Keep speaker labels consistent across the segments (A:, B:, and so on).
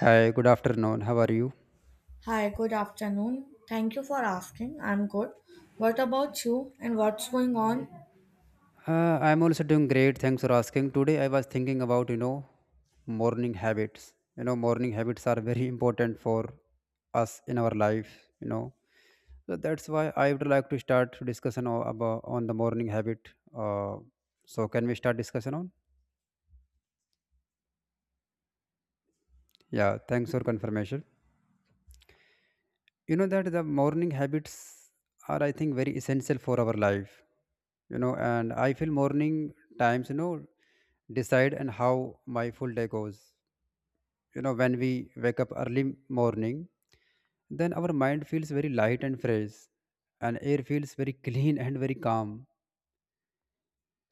A: Hi, good afternoon. How are you?
B: Hi, good afternoon. Thank you for asking. I'm good. What about you and what's going on?
A: Uh, I'm also doing great. Thanks for asking. Today I was thinking about, you know, morning habits. You know, morning habits are very important for us in our life, you know. So that's why I would like to start discussion about on the morning habit. Uh, so can we start discussion on? Yeah, thanks for confirmation. You know that the morning habits are, I think, very essential for our life, you know. And I feel morning times, you know, decide and how my full day goes, you know. When we wake up early morning, then our mind feels very light and fresh, and air feels very clean and very calm.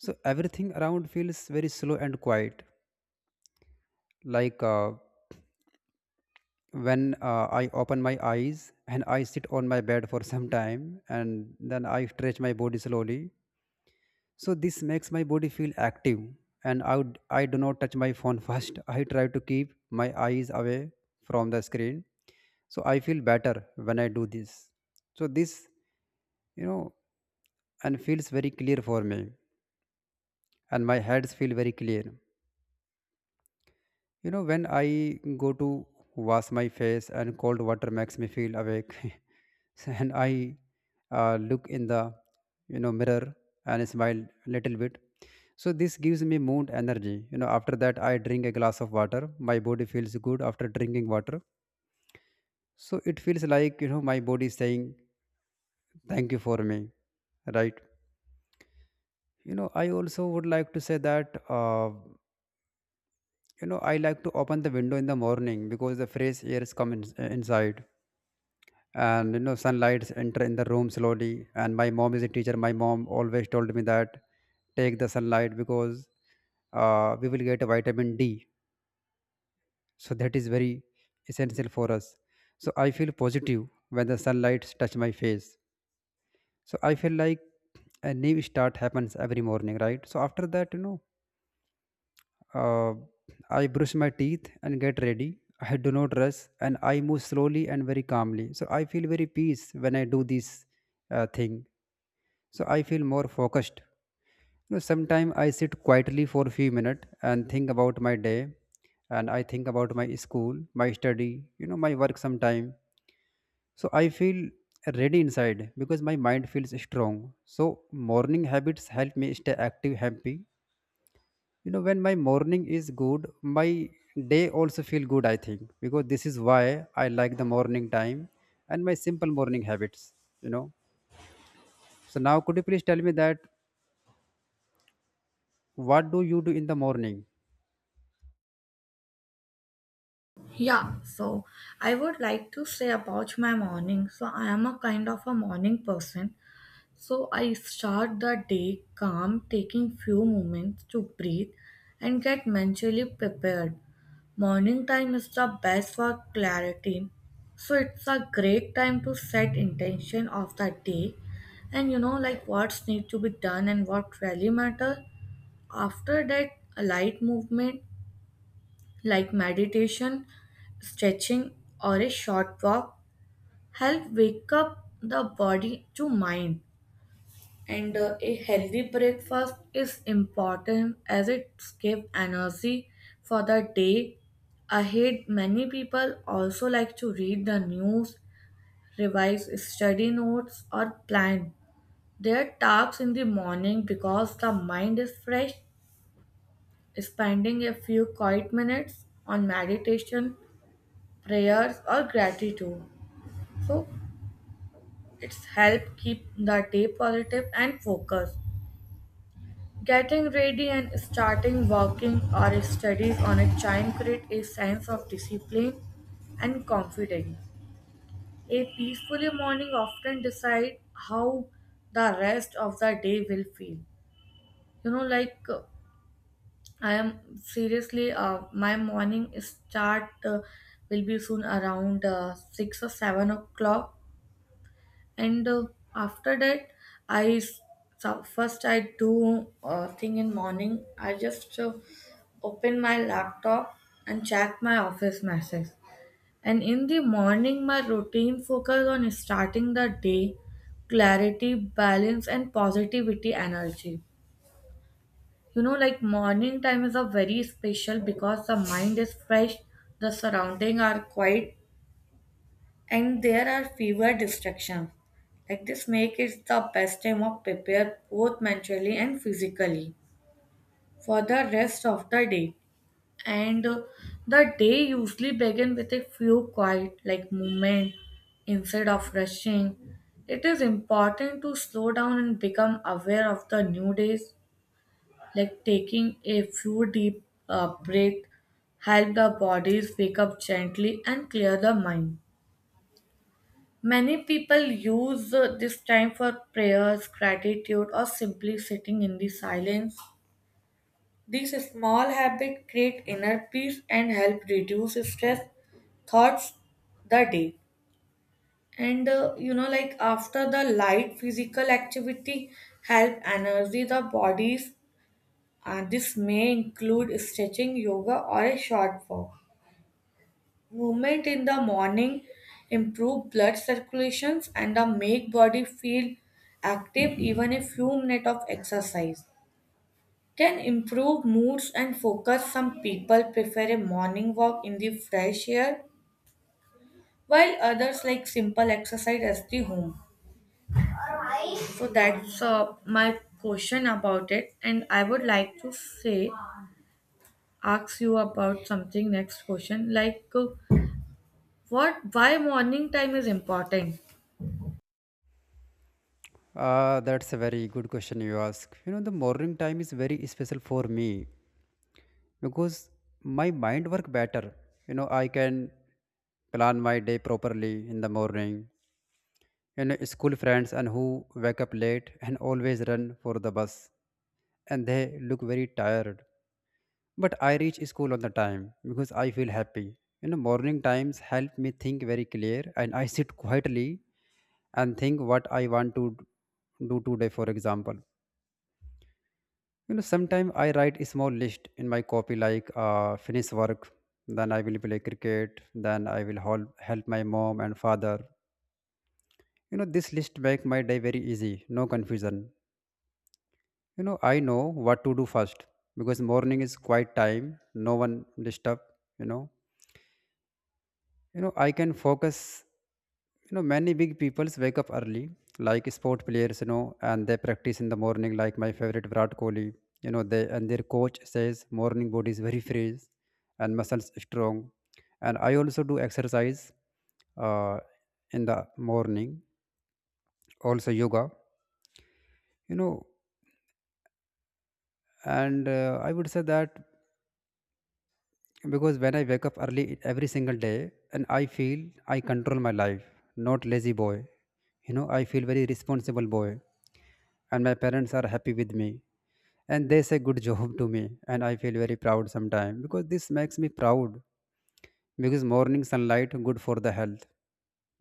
A: So everything around feels very slow and quiet, like when I open my eyes and I sit on my bed for some time, and then I stretch my body slowly. So this makes my body feel active, and I do not touch my phone first. I try to keep my eyes away from the screen. So I feel better when I do this. So this, you know, and feels very clear for me, and my heads feel very clear. You know, when I go to wash my face, and cold water makes me feel awake. So, and I look in the, you know, mirror and smile a little bit. So this gives me mood energy. You know, after that I drink a glass of water. My body feels good after drinking water. So it feels like, you know, my body is saying thank you for me, right? You know, I also would like to say that. You know, I like to open the window in the morning because the fresh air is come in, inside, and you know, sunlight enter in the room slowly. And my mom is a teacher. My mom always told me that take the sunlight because we will get a vitamin D. So that is very essential for us. So I feel positive when the sunlight touch my face. So I feel like a new start happens every morning, right? So after that, you know, uh, I brush my teeth and get ready. I do not rush, and I move slowly and very calmly, so I feel very peace when I do this thing. So I feel more focused. You know, sometimes I sit quietly for a few minutes and think about my day, and I think about my school, my study, you know, my work sometime. So I feel ready inside because my mind feels strong. So morning habits help me stay active, happy. You know, when my morning is good, my day also feel good, I think, because this is why I like the morning time and my simple morning habits, you know. So now, could you please tell me that, what do you do in the morning?
B: Yeah. I would like to say about my morning. So I am a kind of a morning person. So I start the day calm, taking few moments to breathe and get mentally prepared. Morning time is the best for clarity. So it's a great time to set intention of the day, and you know like what's need to be done and what really matter. After that a light movement like meditation, stretching, or a short walk help wake up the body to mind, and a healthy breakfast is important as it gives energy for the day ahead. Many people also like to read the news, revise study notes, or plan their tasks in the morning because the mind is fresh. Spending a few quiet minutes on meditation, prayers, or gratitude, so it's help keep the day positive and focused. Getting ready and starting working or studies on a time create a sense of discipline and confidence. A peaceful morning often decide how the rest of the day will feel. You know, like I am seriously, my morning start will be soon around 6 or 7 o'clock. And after that i s- so first I do thing in morning, I just open my laptop and check my office message. And in the morning my routine focus on starting the day, clarity, balance, and positivity energy. You know, like morning time is a very special because the mind is fresh, the surrounding are quiet, and there are fewer distractions. Like this make it the best time of prepare both mentally and physically for the rest of the day. And the day usually begins with a few quiet like movement instead of rushing. It is important to slow down and become aware of the new days, like taking a few deep breath help the bodies wake up gently and clear the mind. Many people use this time for prayers, gratitude, or simply sitting in the silence. These small habits create inner peace and help reduce stress, thoughts, the day. And you know, like after the light physical activity, help energy the bodies. This may include stretching, yoga, or a short walk. Movement in the morning improve blood circulations and the make body feel active. Even a few minutes of exercise can improve moods and focus. Some people prefer a morning walk in the fresh air while others like simple exercise at the home. So that's my question about it, and I would like to say, ask you about something, next question like what, why morning time is important?
A: That's a very good question you ask. You know, the morning time is very special for me because my mind work better. You know, I can plan my day properly in the morning. You know, school friends and who wake up late and always run for the bus, and they look very tired. But I reach school on the time because I feel happy. You know, morning times help me think very clear, and I sit quietly and think what I want to do today, for example. You know, sometimes I write a small list in my copy, like finish work, then I will play cricket, then I will help my mom and father. You know, this list make my day very easy, no confusion. You know, I know what to do first because morning is quiet time, no one disturb, you know. You know, I can focus. You know, many big peoples wake up early, like sport players, you know, and they practice in the morning, like my favorite Virat Kohli. You know, they and their coach says morning body is very fresh and muscles strong. And I also do exercise uh, in the morning, also yoga, you know. And I would say that because when I wake up early every single day, and I feel I control my life, not lazy boy. You know, I feel very responsible boy, and my parents are happy with me, and they say good job to me, and I feel very proud sometimes because this makes me proud, because morning sunlight good for the health,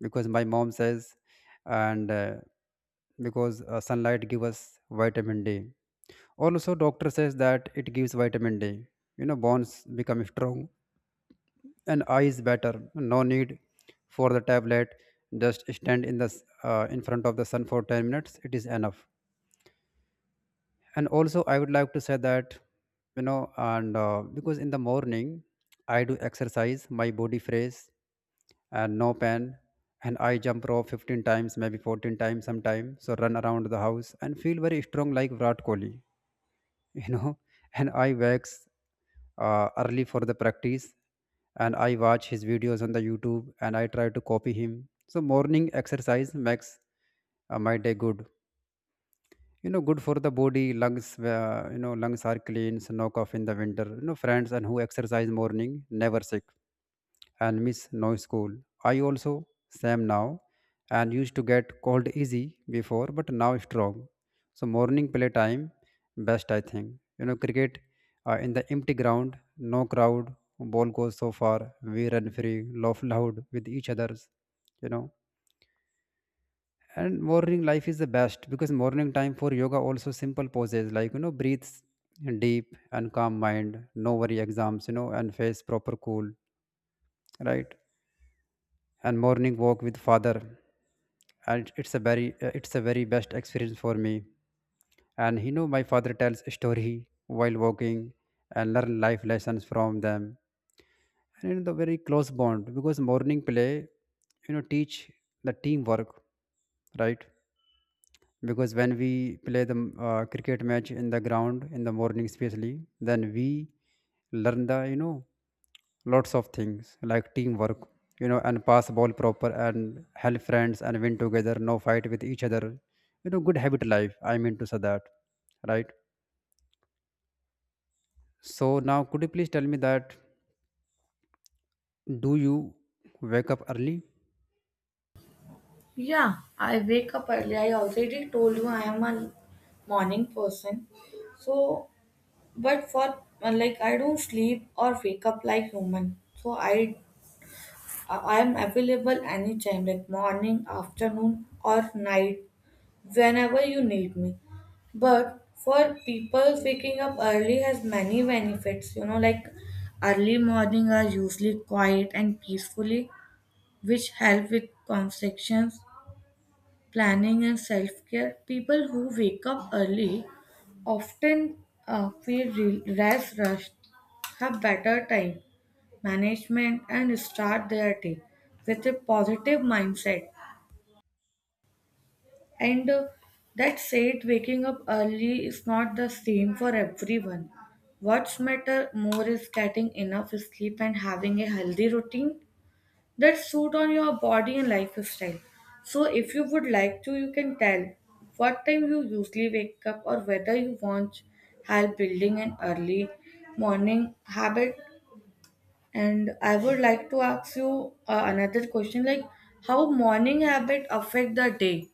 A: because my mom says. And because sunlight give us vitamin D. Also doctor says that it gives vitamin D. You know, bones become strong and eye is better, no need for the tablet. Just stand in the in front of the sun for 10 minutes, it is enough. And also I would like to say that, you know. And because in the morning I do exercise, my body fresh and no pain. And I jump rope 15 times, maybe 14 times sometime. So run around the house and feel very strong like Virat Kohli. You know, and I wakes early for the practice, and I watch his videos on the YouTube, and I try to copy him. So morning exercise makes my day good, you know, good for the body, lungs. You know, lungs are clean, so no cough in the winter. You know, friends and who exercise morning never sick and miss no school. I also same now, and used to get cold easy before, but now strong. So morning play time best, I think. You know, cricket in the empty ground, no crowd, ball goes so far, we run free, laugh loud with each others, you know. And morning life is the best because morning time for yoga also, simple poses like, you know, breathes deep and calm mind, no worry exams, you know, and face proper cool, right? And morning walk with father, and it's a very best experience for me. And you know, my father tells a story while walking, and learn life lessons from them, and in the very close bond because morning play, you know, teach the teamwork, right? Because when we play the cricket match in the ground in the morning especially, then we learn the, you know, lots of things like teamwork, you know, and pass ball proper and help friends and win together, no fight with each other, you know, good habit life, I mean to say that, right? So now, could you please tell me that, do you wake up early?
B: Yeah, I wake up early. I already told you I am a morning person. So, but for like I don't sleep or wake up like human. So I am available anytime, like morning, afternoon, or night, whenever you need me. But for people, waking up early has many benefits. You know, like early morning are usually quiet and peacefully, which help with conversations, planning, and self care. People who wake up early often less rushed, have better time management, and start their day with a positive mindset. And that said, waking up early is not the same for everyone. What's matter more is getting enough sleep and having a healthy routine that suit on your body and lifestyle. So if you would like to, you can tell what time you usually wake up or whether you want help building an early morning habit. And I would like to ask you another question like how morning habit affect the day?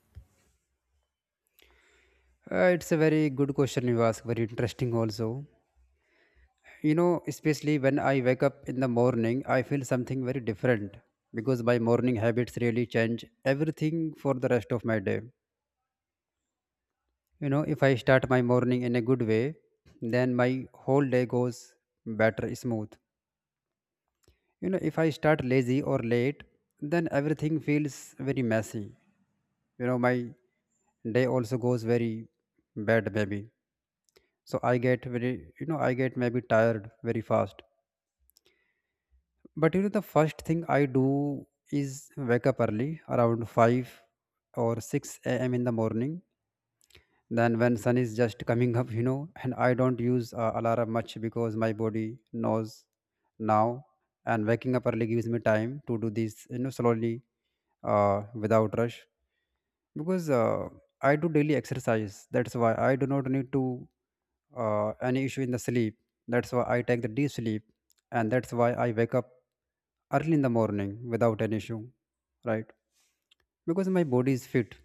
A: It's a very good question you ask, very interesting also. You know, especially when I wake up in the morning, I feel something very different because my morning habits really change everything for the rest of my day. You know, if I start my morning in a good way, then my whole day goes better, smooth. You know, if I start lazy or late, then everything feels very messy. You know, my day also goes very bad maybe. So I get very, you know, I get maybe tired very fast. But you know, the first thing I do is wake up early, around 5 or 6 a.m. in the morning. Then when sun is just coming up, you know. And I don't use alarm much because my body knows now. And waking up early gives me time to do this, you know, slowly, without rush. Because I do daily exercise, that's why I do not need to any issue in the sleep. That's why I take the deep sleep, and that's why I wake up early in the morning without an issue, right? Because my body is fit.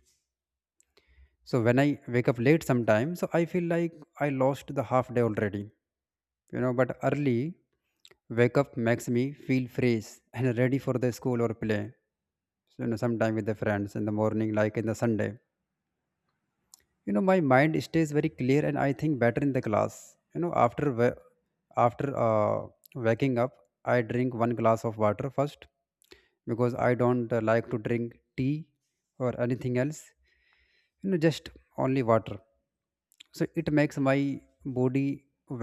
A: So when I wake up late sometimes, so I feel like I lost the half day already, you know. But early wake up makes me feel fresh and ready for the school or play. So, you know, sometime with the friends in the morning, like in the Sunday. You know, my mind stays very clear, and I think better in the class. You know, after after uh, waking up, I drink one glass of water first because I don't like to drink tea or anything else, you know, just only water. So it makes my body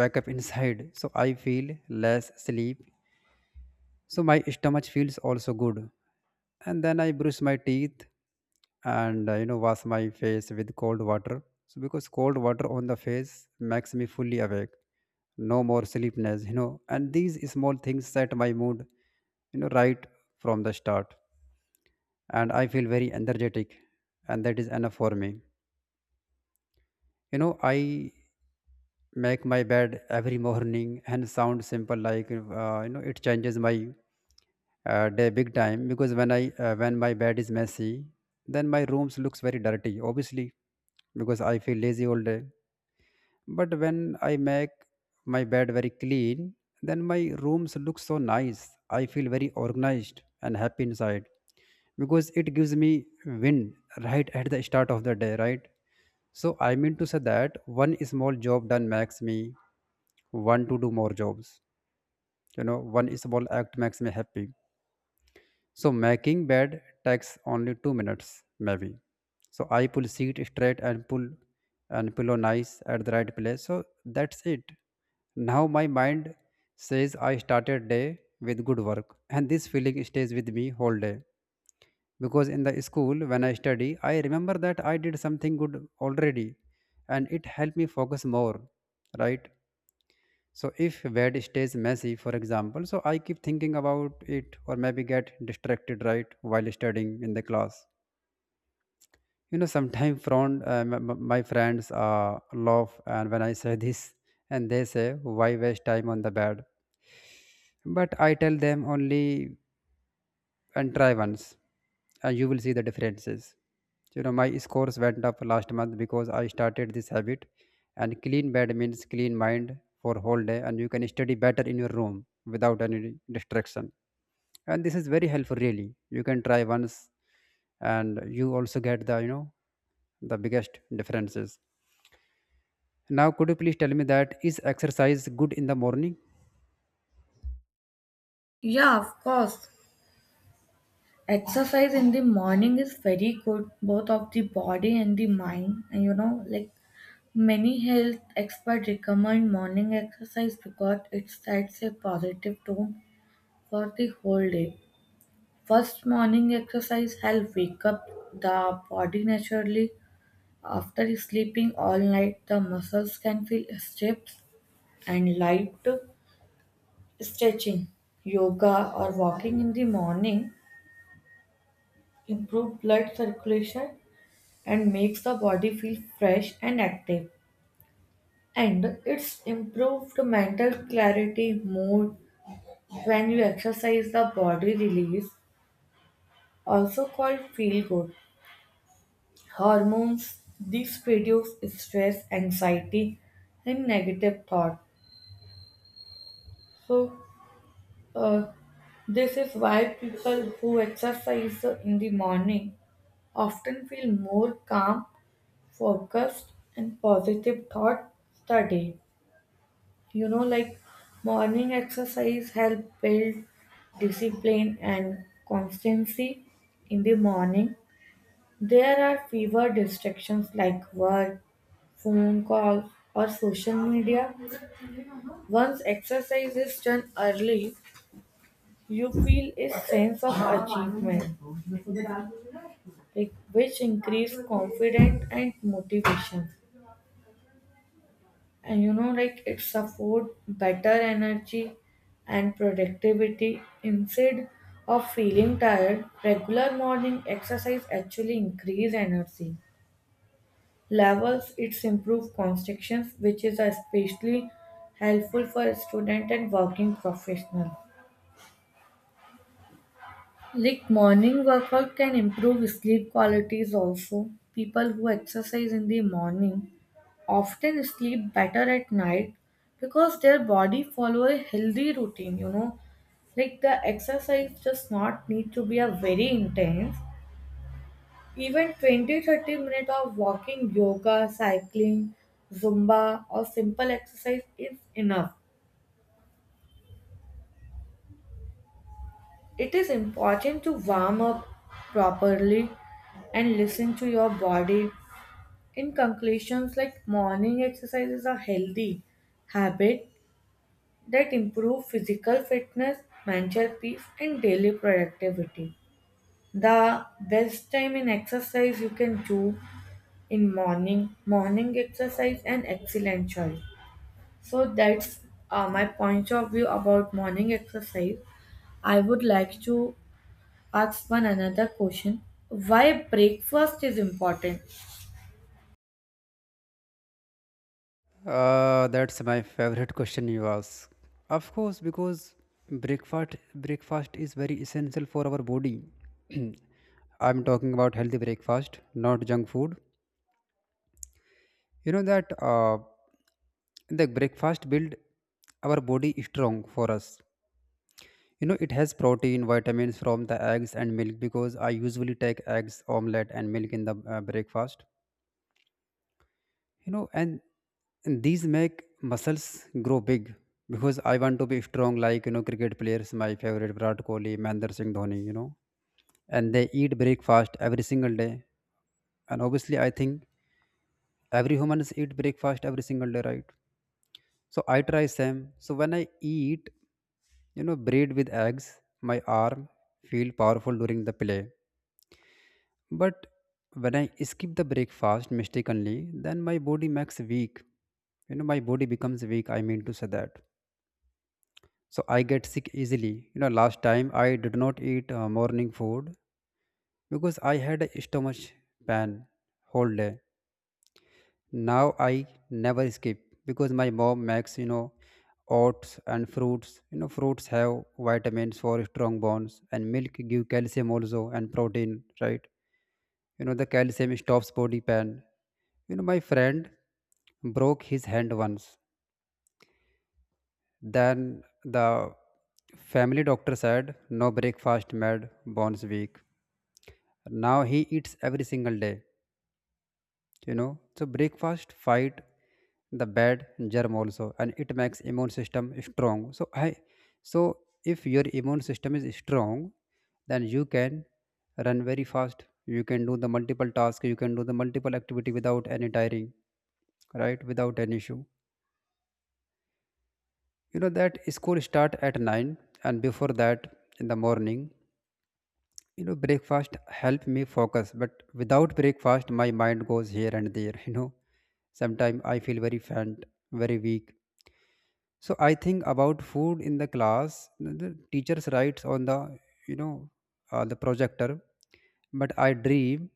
A: wake up inside, so I feel less sleep. So my stomach feels also good. And then I brush my teeth, and you know, wash my face with cold water. So because cold water on the face makes me fully awake. No more sleepiness, you know. And these small things set my mood, you know, right from the start. And I feel very energetic, and that is enough for me. You know, I make my bed every morning and sound simple like you know it changes my day big time because when my bed is messy, then my rooms looks very dirty. Obviously, because I feel lazy all day. But when I make my bed very clean, then my rooms look so nice. I feel very organized and happy inside because it gives me wind right at the start of the day, right? So I mean to say that one small job done makes me want to do more jobs. You know, one small act makes me happy. So making bed takes only 2 minutes, maybe. So I pull seat straight and pull and pillow nice at the right place. So that's it. Now my mind says I started day with good work, and this feeling stays with me whole day. Because in the school when I study, I remember that I did something good already, and it helped me focus more, right? So if bed stays messy, for example, so I keep thinking about it or maybe get distracted, right, while studying in the class. You know, sometimes my friends laugh and when I say this and they say, why waste time on the bed? But I tell them only and try once and you will see the differences. You know, my scores went up last month because I started this habit, and clean bed means clean mind for whole day and you can study better in your room without any distraction. And this is very helpful really, you can try once and you also get the you know the biggest differences. Now could you please tell me that is exercise good in the morning?
B: Yeah, of course. Exercise in the morning is very good both of the body and the mind. And you know like many health experts recommend morning exercise because it sets a positive tone for the whole day. First, morning exercise helps wake up the body naturally. After sleeping all night, the muscles can feel stiff and light. Stretching, yoga, or walking in the morning improve blood circulation and makes the body feel fresh and active. And it's improved mental clarity, mood. When you exercise, the body release, also called feel good, hormones. These reduce stress, anxiety, and negative thought. So, uh, this is why people who exercise in the morning often feel more calm, focused, and positive thought the day. You know, like morning exercise help build discipline and constancy in the morning. There are fewer distractions like work, phone calls, or social media. Once exercise is done early, you feel a sense of achievement, like which increase confidence and motivation. And you know, like it support better energy and productivity instead of feeling tired. Regular morning exercise actually increase energy levels, its improved constructions, which is especially helpful for student and working professional. Like morning workout can improve sleep qualities also. People who exercise in the morning often sleep better at night because their body follow a healthy routine, you know. Like the exercise does not need to be a very intense. Even 20 to 30 minutes of walking, yoga, cycling, zumba, or simple exercise is enough. It is important to warm up properly and listen to your body. In conclusions, like morning exercise is a healthy habit that improve physical fitness, mental peace, and daily productivity. The best time in exercise you can do in morning. Morning exercise an excellent choice. So that's my point of view about morning exercise. I would like to ask one another question. Why breakfast is important?
A: That's my favorite question you ask. Of course, because breakfast is very essential for our body. I'm talking about healthy breakfast, not junk food. You know that The breakfast build our body strong for us. You know it has protein, vitamins from the eggs and milk because I usually take eggs, omelette, and milk in the breakfast. You know, and these make muscles grow big because I want to be strong like, you know, cricket players, my favorite Virat Kohli, Mahendra Singh Dhoni, you know. And they eat breakfast every single day, and obviously I think every humans eat breakfast every single day, right? So I try same. So when I eat, you know, bread with eggs, my arm feel powerful during the play. But when I skip the breakfast mistakenly, then my body makes weak. You know, my body becomes weak, I mean to say that. So I get sick easily. You know, last time I did not eat morning food because I had a stomach pain whole day. Now I never skip because my mom makes, you know, oats and fruits. You know, fruits have vitamins for strong bones, and milk give calcium also, and protein, right? You know, the calcium stops body pain. You know, my friend broke his hand once. Then the family doctor said, no breakfast made bones weak. Now he eats every single day, you know. So breakfast fight the bad germ also, and it makes immune system strong. So if your immune system is strong, then you can run very fast. You can do the multiple tasks, you can do the multiple activity without any tiring, right? Without any issue. You know that school start at 9, and before that, in the morning, you know, breakfast help me focus. But without breakfast my mind goes here and there, you know. Sometimes I feel very faint, very weak. So I think about food in the class. The teachers writes on the, you know, the projector, but I dream.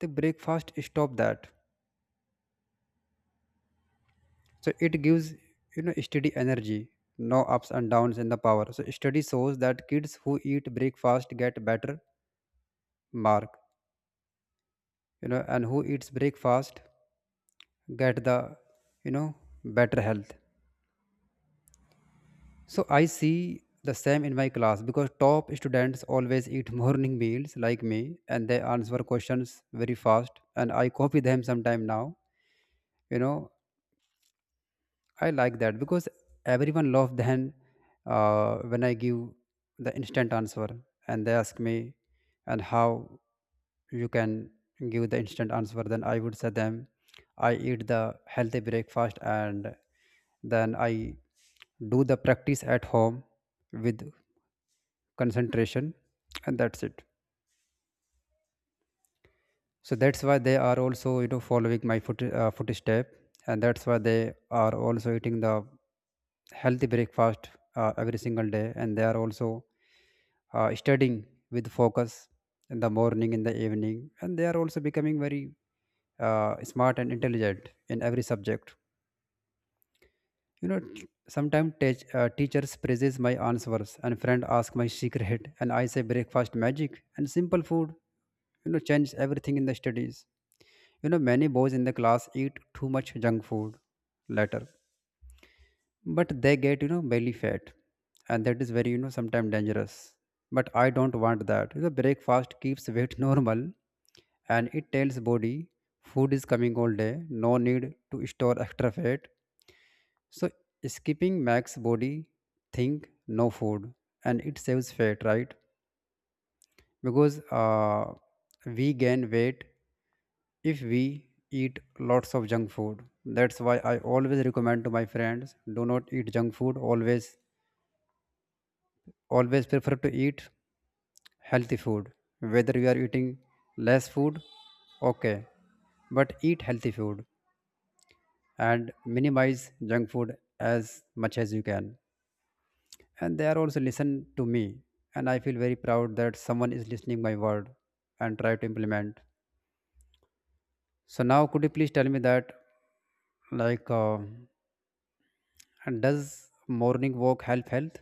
A: The breakfast stop that. So it gives, you know, steady energy, no ups and downs in the power. So study shows that kids who eat breakfast get better mark, you know, and who eats breakfast get the, you know, better health. So I see the same in my class because top students always eat morning meals like me, and they answer questions very fast, and I copy them sometime. Now, you know, I like that because everyone love then, when I give the instant answer and they ask me, and how you can give the instant answer, then I would say them I eat the healthy breakfast, and then I do the practice at home with concentration, and that's it. So that's why they are also, you know, following my footstep, and that's why they are also eating the healthy breakfast, every single day, and they are also studying with focus in the morning, in the evening, and they are also becoming very smart and intelligent in every subject. You know, sometimes teachers praises my answers and friend ask my secret, and I say breakfast magic, and simple food, you know, change everything in the studies. You know, many boys in the class eat too much junk food later, but they get, you know, belly fat, and that is very, you know, sometimes dangerous. But I don't want that. You know, breakfast keeps weight normal, and it tells body food is coming all day, no need to store extra fat. So skipping makes body think no food, and it saves fat, right? Because we gain weight if we eat lots of junk food. That's why I always recommend to my friends do not eat junk food. Always, always prefer to eat healthy food. Whether you are eating less food, okay, but eat healthy food and minimize junk food as much as you can. And they are also listen to me, and I feel very proud that someone is listening my word and try to implement. So now could you please tell me that, like, and does morning walk help health?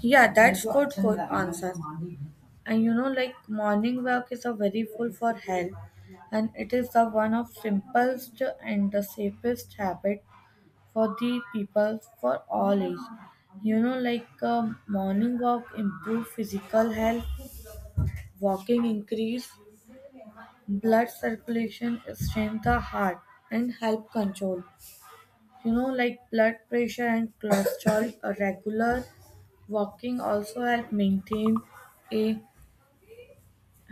B: Yeah, that's good answer. And you know, like morning work is a very full for health, and it is the one of simplest and the safest habit for the people for all age. You know, like morning walk improve physical health, walking increase blood circulation, strengthens the heart and help control, you know, like blood pressure and cholesterol. A regular walking also help maintain a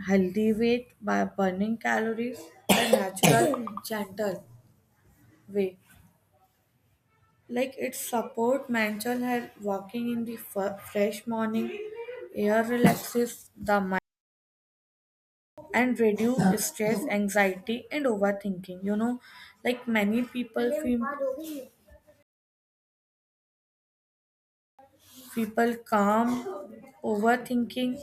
B: healthy weight by burning calories the natural gentle way. Like it support mental health. Walking in the fresh morning air relaxes the mind and reduce stress, anxiety, and overthinking. You know, like many people feel people calm overthinking.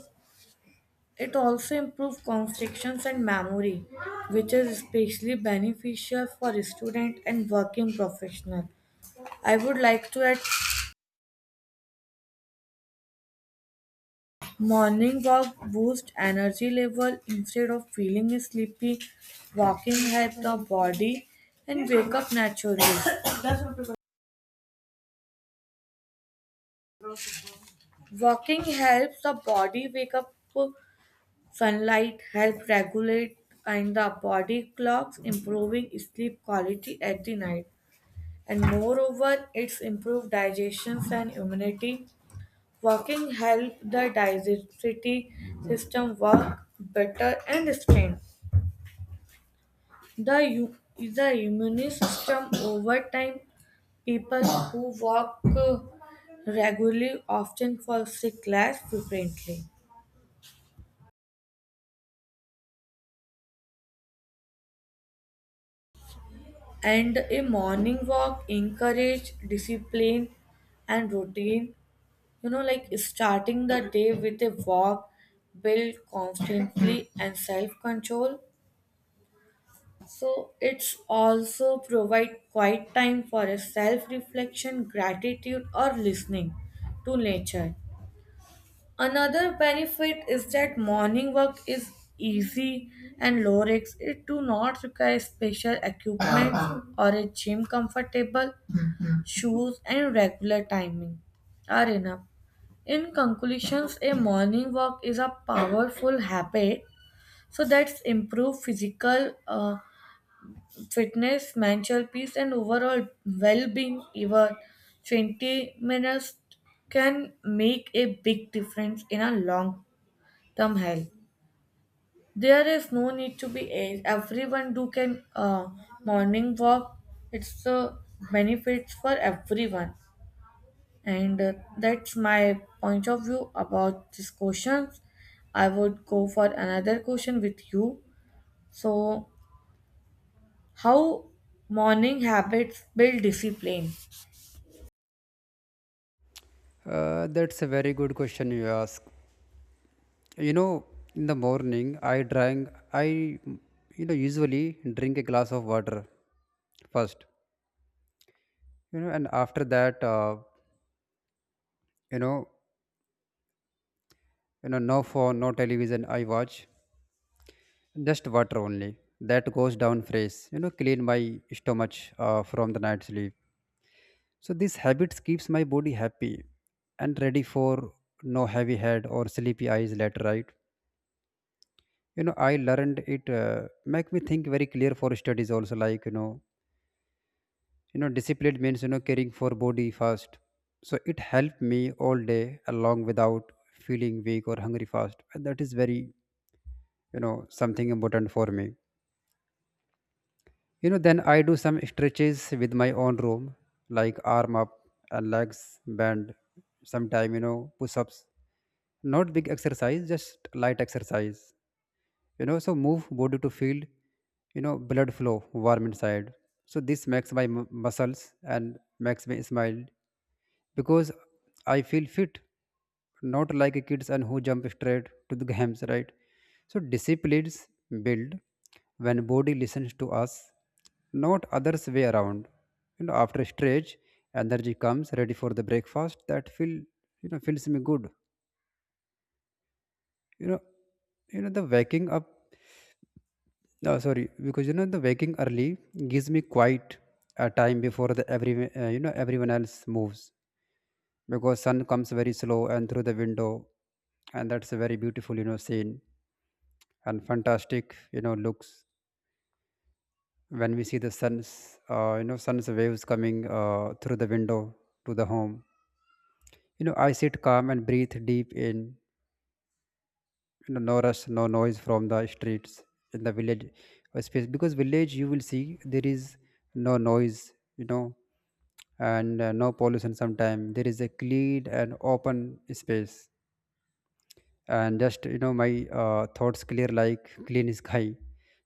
B: It also improves concentration and memory, which is especially beneficial for student and working professional. I would like to add morning walk boost energy level instead of feeling sleepy. Walking helps the body and wake up naturally. Walking helps the body wake up. Sunlight helps regulate and the body clocks, improving sleep quality at the night. And moreover, it's improved digestion and immunity. Walking helps the digestive system work better and strength. The immune system over time, people who walk regularly often fall sick less frequently. And a morning walk encourage discipline and routine. You know, like starting the day with a walk build constantly and self control. So it's also provide quiet time for a self reflection, gratitude, or listening to nature. Another benefit is that morning work is easy and low risk. It do not require special equipment or a gym. Comfortable shoes and regular timing are enough. In conclusions, a morning walk is a powerful habit so that's improve physical fitness, mental peace, and overall well-being. Even 20 minutes can make a big difference in a long some help. There is no need to be age. Everyone do can morning walk. It's benefits for everyone, and that's my point of view about these questions. I would go for another question with you. So, how morning habits build discipline?
A: That's a very good question you ask. You know, in the morning I you know usually drink a glass of water first. You know, and after that, you know, no phone, no television, I watch just water only. That goes down phrase. You know, clean my stomach from the night sleep. So these habits keeps my body happy and ready for no heavy head or sleepy eyes later, right? You know, I learned it make me think very clear for studies also, like, you know, discipline means, you know, caring for body first. So it helped me all day along without feeling weak or hungry fast. And that is very, you know, something important for me. You know, then I do some stretches with my own room, like arm up and legs bend, sometime, you know, push ups. Not big exercise, just light exercise. You know, so move body to feel, you know, blood flow warm inside. So this makes my muscles and makes me smile because I feel fit, not like a kids and who jump straight to the games, right? So disciplines build when body listens to us, not others way around. You know, after stretch, energy comes ready for the breakfast that feels me good. You know, you know the waking up. No, sorry, because you know the waking early gives me quite a time before the every you know everyone else moves, because sun comes very slow and through the window, and that's a very beautiful, you know, scene and fantastic, you know, looks, when we see the sun's you know sun's waves coming through the window to the home. You know, I sit calm and breathe deep in, you know, no rush, no noise from the streets, in the village space, because village you will see there is no noise, you know, and no pollution sometime, there is a clean and open space, and just, you know, my thoughts clear like clean sky.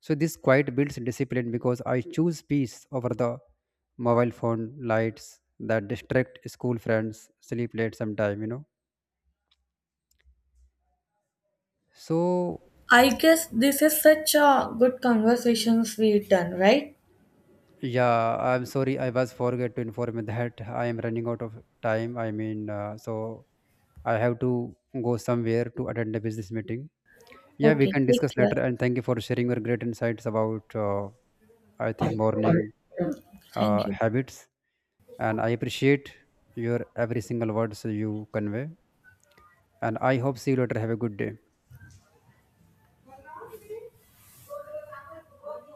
A: So this quiet builds discipline because I choose peace over the mobile phone lights that distract school friends sleep late sometime, you know. So
B: I guess this is such a good conversations we done, right?
A: yeah, I'm sorry, I was forget to inform you that I am running out of time, so I have to go somewhere to attend a business meeting. Yeah, we
B: Okay,
A: can
B: take
A: discuss later,
B: care.
A: and thank you for sharing your great insights about, I think morning
B: Thank you.
A: habits, and I appreciate your every single words you convey. And I hope see you later. Have a good day.